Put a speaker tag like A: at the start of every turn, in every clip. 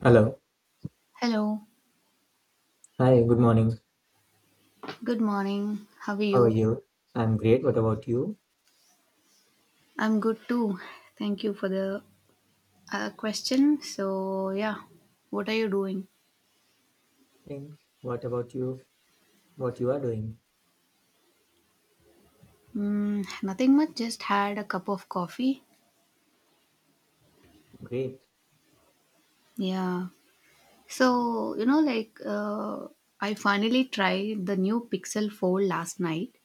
A: Hello.
B: Hello,
A: Hi, good morning.
B: good morning. How are
A: How are
B: you?
A: you? I'm great. What about you?
B: I'm good too. Thank you for the question. So, yeah, what are you doing?
A: And What about you? What you are doing?
B: Mm, nothing much, just had a cup of coffee.
A: Great.
B: Yeah. So, I finally tried the new Pixel 4 last night.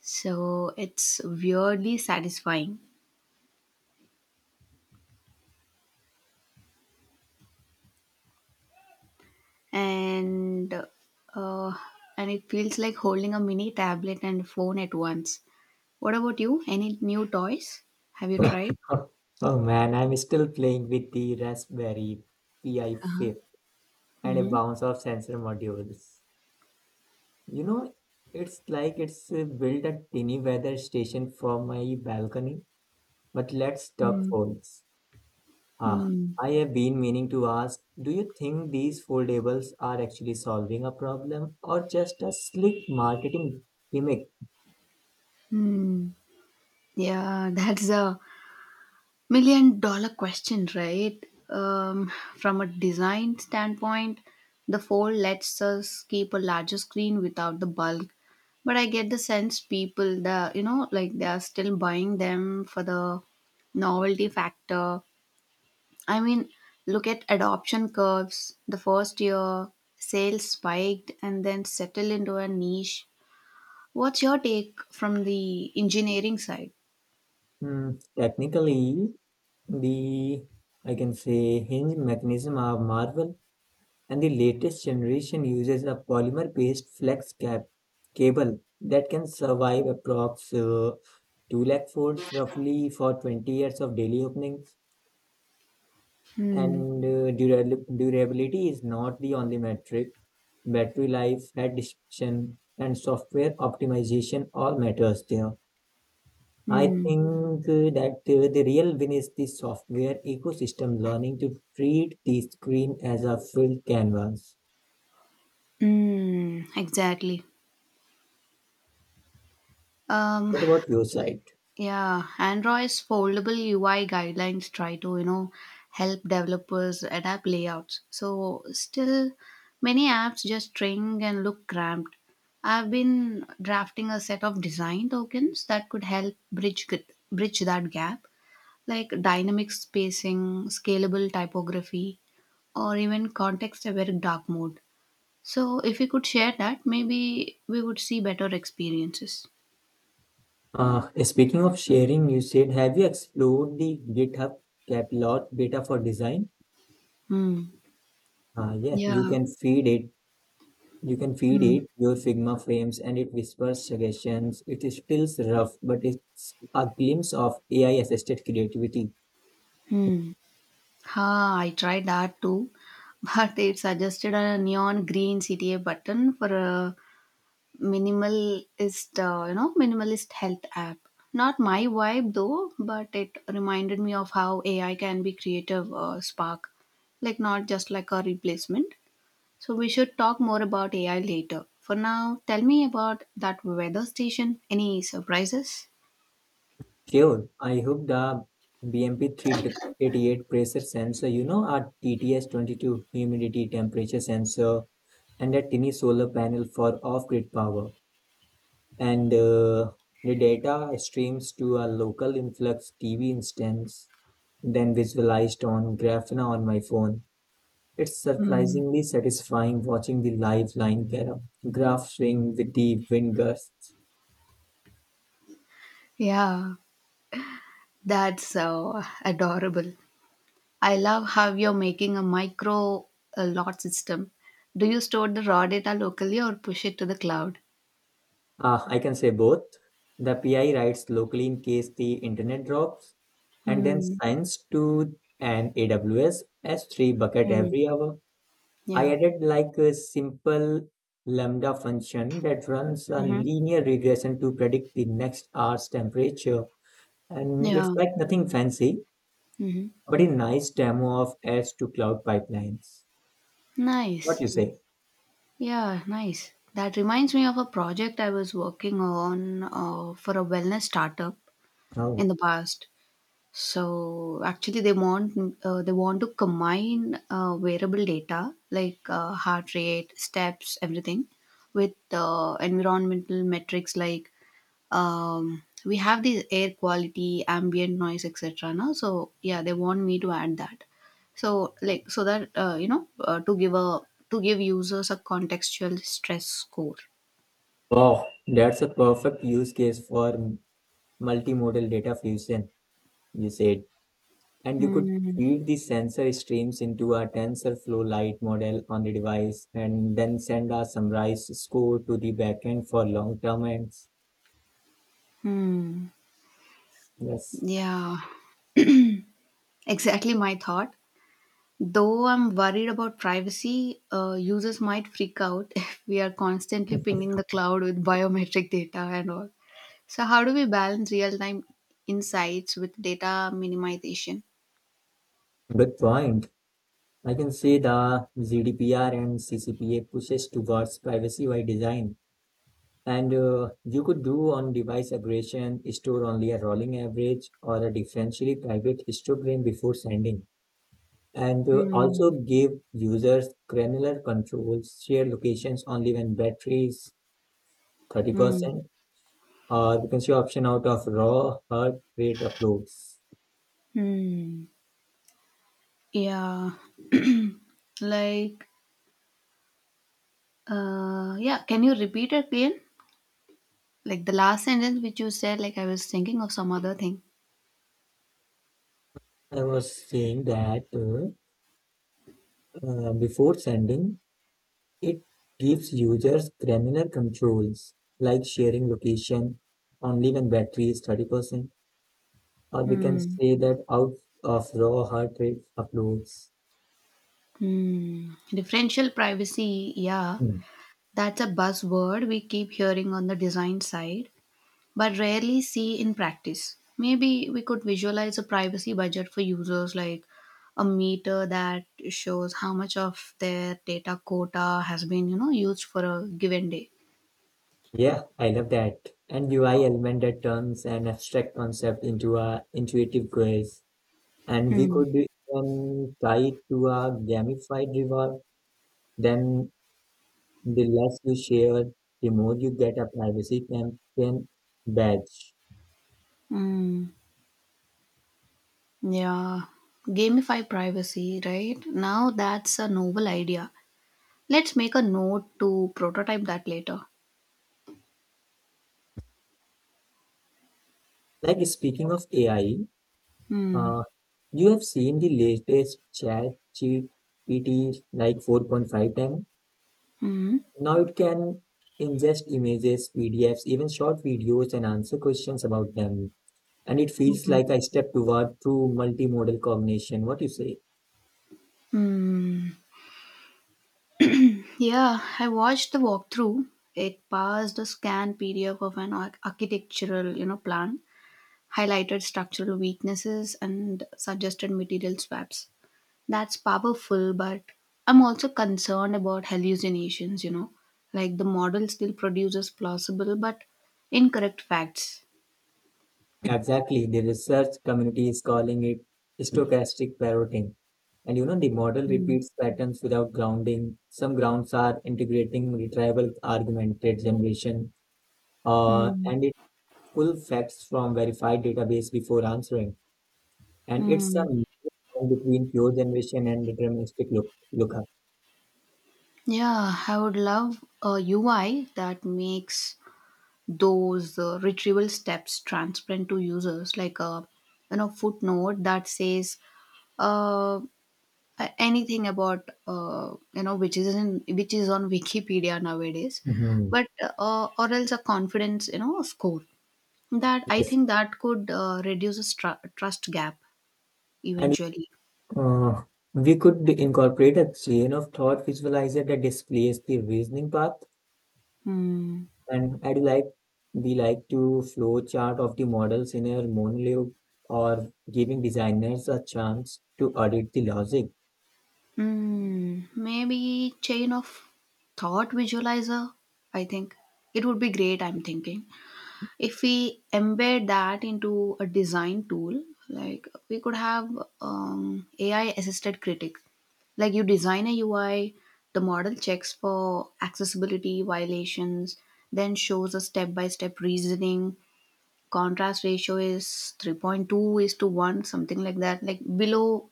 B: So, it's weirdly satisfying. And, uh, and it feels like holding a mini tablet and phone at once. What about you? Any new toys? Have you tried?
A: Oh man, I'm still playing with the Raspberry Pi 5 and a
B: Mm-hmm.
A: bounce of sensor modules. You know, it's like it's built a tiny weather station for my balcony, but let's talk
B: Mm,
A: phones. Ah,
B: mm,
A: I have been meaning to ask, do you think these foldables are actually solving a problem or just a slick marketing gimmick?
B: mm. Yeah, that's a million dollar question, right? Um, from a design standpoint, the fold lets us keep a larger screen without the bulk. But I get the sense people, they are still buying them for the novelty factor. I mean, look at adoption curves. The first year, sales spiked and then settled into a niche. What's your take from the engineering side?
A: Hmm, technically, the I can say hinge mechanism of Marvel and the latest generation uses a polymer-based flex cap cable that can survive approx 2 lakh folds roughly for 20 years of daily openings.
B: Hmm.
A: And durability is not the only metric battery life, head detection, and software optimization all matters there. I
B: Hmm.
A: think that the real win is the software ecosystem learning to treat the screen as a filled canvas.
B: Hmm. Exactly. Um,
A: What about your side?
B: Yeah, Android's foldable UI guidelines try to, you know, help developers adapt layouts. So still many apps just string and look cramped. I've been drafting a set of design tokens that could help bridge that gap, like dynamic spacing, scalable typography, or even context-aware dark mode. So if we could share that, maybe we would see better experiences.
A: Speaking of sharing, you said, have you explored the GitHub Caplot beta for design?
B: Hmm.
A: Yeah,
B: Yeah.
A: you can feed
B: Hmm.
A: it your Figma frames and it whispers suggestions. It is still rough, but it's a glimpse of AI assisted creativity.
B: Hmm. Ha, I tried that too, but it suggested a neon green CTA button for a minimalist health app. Not my vibe though, but it reminded me of how AI can be creative spark, like not just like a replacement. So we should talk more about AI later. For now, tell me about that weather station. Any surprises?
A: Sure, I hope the BMP388 pressure sensor, you know, our TTS22 humidity temperature sensor, and a tiny solar panel for off grid power. And the data streams to a local influx TV instance, then visualized on Grafana on my phone. It's
B: Hmm.
A: surprisingly satisfying watching the live line graph swing with the wind gusts.
B: Yeah, that's adorable. I love how you're making a micro lot system. Do you store the raw data locally or push it to the cloud?
A: Ah, I can say both. The PI writes locally in case the internet drops, and then
B: Hmm.
A: sends to an AWS S3 bucket
B: Hmm.
A: every hour. I
B: Yeah.
A: added like a simple lambda function that runs a
B: Mm-hmm.
A: linear regression to predict the next hour's temperature. And it's
B: Yeah.
A: like nothing fancy,
B: Mm-hmm.
A: but a nice demo of S to cloud pipelines. What
B: Nice.
A: you say?
B: Yeah, nice. That reminds me of a project I was working on for a wellness startup in
A: Oh,
B: the past. So actually, they want to combine wearable data like heart rate, steps, everything, with environmental metrics like we have these air quality, ambient noise, etc. Now, so yeah, they want me to add that. So like so that to give users a contextual stress score.
A: wow, that's a perfect use case for multimodal data fusion, you said. And you could
B: Hmm.
A: feed the sensor streams into a TensorFlow Lite model on the device and then send a summarized score to the backend for long-term ends.
B: Hmm.
A: Yes.
B: Yeah. Exactly my thought. Though I'm worried about privacy, users might freak out if we are constantly
A: Good
B: pinging the cloud with biometric data and all. So, how do we balance real time insights with data minimization?
A: point. I can see the GDPR and CCPA pushes towards privacy by design. And you could do on device aggregation, store only a rolling average or a differentially private histogram before sending. And also
B: Hmm.
A: give users granular controls, share locations only when battery is
B: Hmm.
A: 30%, or you can see option out of raw heart rate uploads.
B: Hmm. Yeah. like, yeah, can you repeat it again? Like the last sentence which you said, like I was thinking of some other thing.
A: I was saying that before sending, it gives users granular controls like sharing location only when battery is 30%. Or we can
B: Hmm.
A: say that out of raw heart rate uploads.
B: Hmm. Differential privacy, yeah.
A: Hmm.
B: That's a buzzword we keep hearing on the design side, but rarely see in practice. Maybe we could visualize a privacy budget for users, like a meter that shows how much of their data quota has been, you know, used for a given day.
A: Yeah, I love that. And UI element that turns an abstract concept into a intuitive quiz. And we
B: Hmm.
A: could even tie it to a gamified reward. Then the less you share, the more you get a privacy campaign badge.
B: Mm, yeah. Gamify privacy, right? Now that's a novel idea. Let's make a note to prototype that later.
A: Like speaking of AI,
B: Hmm.
A: uh, you have seen the latest chat GPT like 4.5 time.
B: Hmm.
A: Now it can ingest images, PDFs, even short videos and answer questions about them. And it feels like a step toward true multimodal cognition. What you say?
B: Hmm. Yeah, I watched the walkthrough. It passed a scan PDF of an architectural, you know, plan, highlighted structural weaknesses and suggested material swaps. That's powerful, but I'm also concerned about hallucinations, you know. Like the model still produces plausible but incorrect facts.
A: Exactly. The research community is calling it stochastic parroting. And you know, the model
B: Hmm.
A: repeats patterns without grounding. Some grounds are integrating retrieval augmented generation,
B: Hmm.
A: and it full facts from verified database before answering. And it's a
B: Hmm.
A: mix between pure generation and deterministic look lookup.
B: Yeah, I would love a UI that makes those retrieval steps transparent to users, like a you know footnote that says uh, anything about you know which is on wikipedia nowadays,
A: Mhm.
B: but or else a confidence you know score that I
A: Yes.
B: think that could uh, reduce a trust gap
A: And
B: eventually.
A: Uh, we could incorporate a chain of thought visualizer that displays the reasoning path.
B: Hmm.
A: And I'd like we like to flow chart of the models in a monologue or giving designers a chance to audit the logic.
B: Hmm. Maybe chain of thought visualizer, I think it would be great, I'm thinking. If we embed that into a design tool, like we could have AI assisted critic. Like you design a UI, the model checks for accessibility violations, then shows a step by step reasoning. Contrast ratio is 3.2 is to 1, something like that, like below,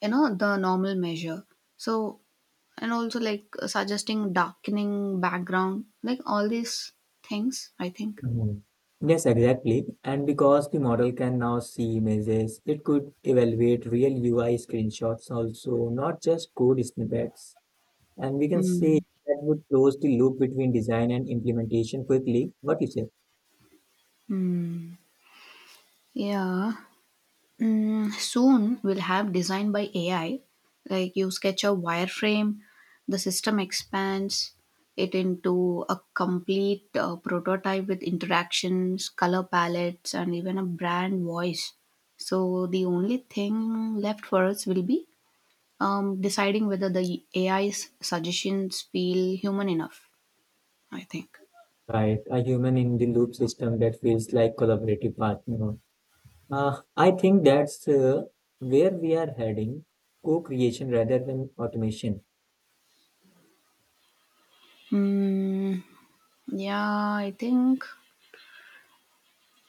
B: you know, the normal measure. So, and also like suggesting darkening background, like all these things, I think.
A: Mhm. Yes, exactly. And because the model can now see images, it could evaluate real UI screenshots also, not just code snippets. And we can say
B: Hmm.
A: that would close the loop between design and implementation quickly. What you say?
B: Yeah. Mm, soon we'll have design by AI. Like you sketch a wireframe, the system expands it into a complete prototype with interactions, color palettes, and even a brand voice. So the only thing left for us will be deciding whether the AI's suggestions feel human enough, I think.
A: Right, a human in the loop system that feels like collaborative partner. I think that's where we are heading, co-creation rather than automation.
B: Mm, yeah, I think.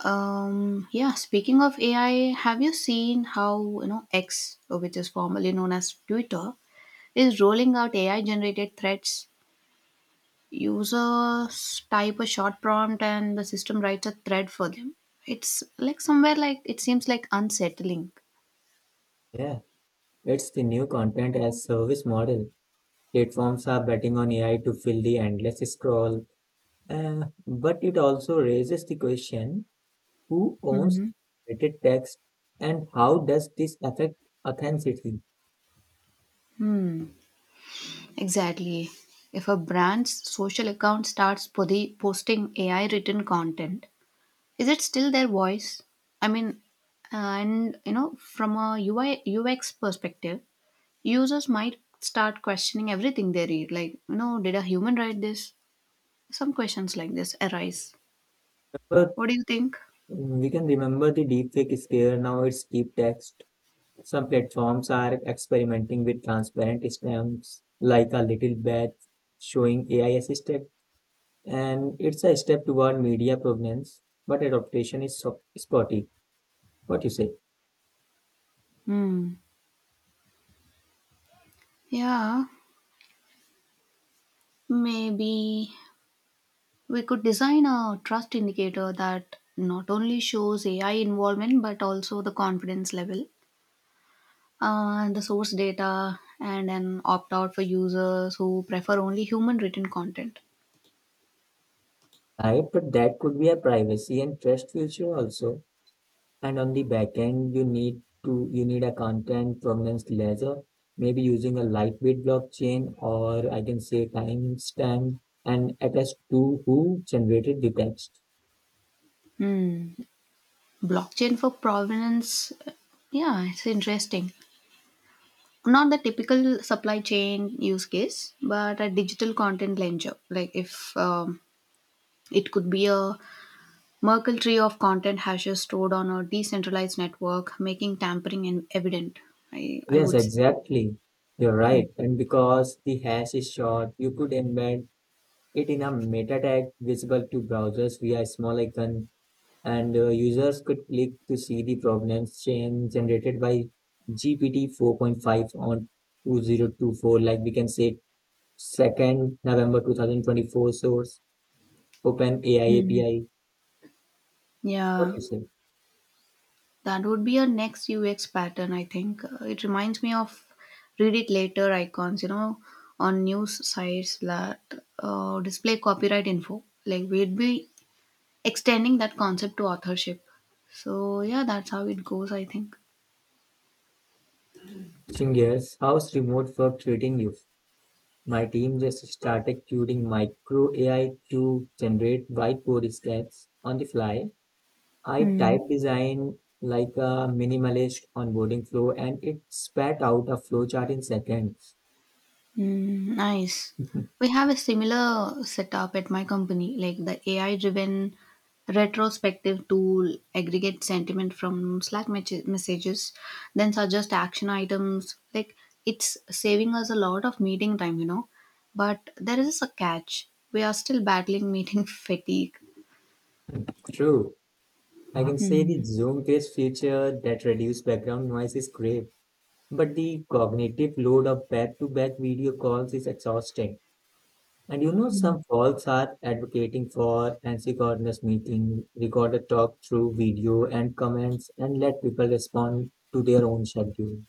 B: Yeah, speaking of AI, have you seen how, you know, X, which is formerly known as Twitter, is rolling out AI generated threads? Users type a short prompt and the system writes a thread for them. It's like somewhere like it seems like unsettling.
A: Yeah, it's the new content as service model. Platforms are betting on AI to fill the endless scroll, uh, but it also raises the question who owns
B: Hmm.
A: curated text and how does this affect authenticity?
B: Hmm. Exactly. If a brand's social account starts posting AI written content, is it still their voice? I mean, and you know, from a UI UX perspective, users might start questioning everything they read. Like, you know, did a human write this? Some questions like this arise.
A: But
B: What do you think?
A: we can remember the deepfake scare, now it's deep text. Some platforms are experimenting with transparent stamps like a little badge showing AI assisted, and it's a step toward media provenance, but adaptation is spotty. What you say?
B: Hmm. Yeah, maybe we could design a trust indicator that not only shows AI involvement but also the confidence level and the source data and an opt out for users who prefer only human written content.
A: Right, but that could be a privacy and trust issue also. And on the back end, you need a content provenance ledger, maybe using a lightweight blockchain or I can say timestamp and attest to who generated the text.
B: Hmm. Blockchain for provenance. Yeah, it's interesting. Not the typical supply chain use case, but a digital content ledger. Like if it could be a Merkle tree of content hashes stored on a decentralized network, making tampering evident. I
A: Yes,
B: would. Say.
A: exactly. You're right.
B: Mm.
A: And because the hash is short, you could embed it in a meta tag visible to browsers via a small icon and users could click to see the problems generated by GPT 4.5 on 2024, like we can say 2nd November 2024 source, Open AI
B: Mm.
A: API. What
B: Yeah.
A: you say?
B: That would be a next UX pattern, I think. It reminds me of read it later icons, you know, on news sites that display copyright info. Like we'd be extending that concept to authorship. So yeah, that's how it goes, I think.
A: Singers? How's remote work treating you? My team just started coding micro AI to generate whiteboard sketches on the fly. I
B: Hmm.
A: type design like a minimalist onboarding flow and it spat out a flowchart in seconds.
B: Mm, nice. We have a similar setup at my company. Like the AI driven retrospective tool aggregates sentiment from Slack messages, then suggest action items. Like it's saving us a lot of meeting time, you know. But there is a catch. We are still battling meeting fatigue.
A: True. I can say the Zoom based feature that reduce background noise is great, but the cognitive load of back to back video calls is exhausting. And you know, some folks are advocating for asynchronous meeting, record a talk through video and comments, and let people respond to their own schedule.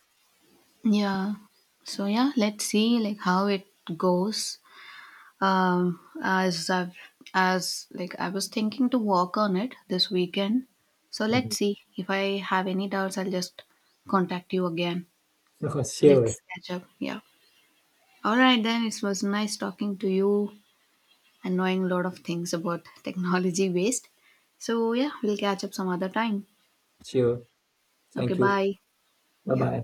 B: Yeah. So yeah, let's see like how it goes. Um, as I've, as like I was thinking to work on it this weekend. So
A: Mhm.
B: let's see if I have any doubts. I'll just contact you again.
A: Sure,
B: Let's catch up. Yeah. All right then. It was nice talking to you and knowing a lot of things about technology waste. So yeah, we'll catch up some other time.
A: sure.
B: Okay.
A: Thank you.
B: Bye.
A: Bye
B: Yeah.
A: bye.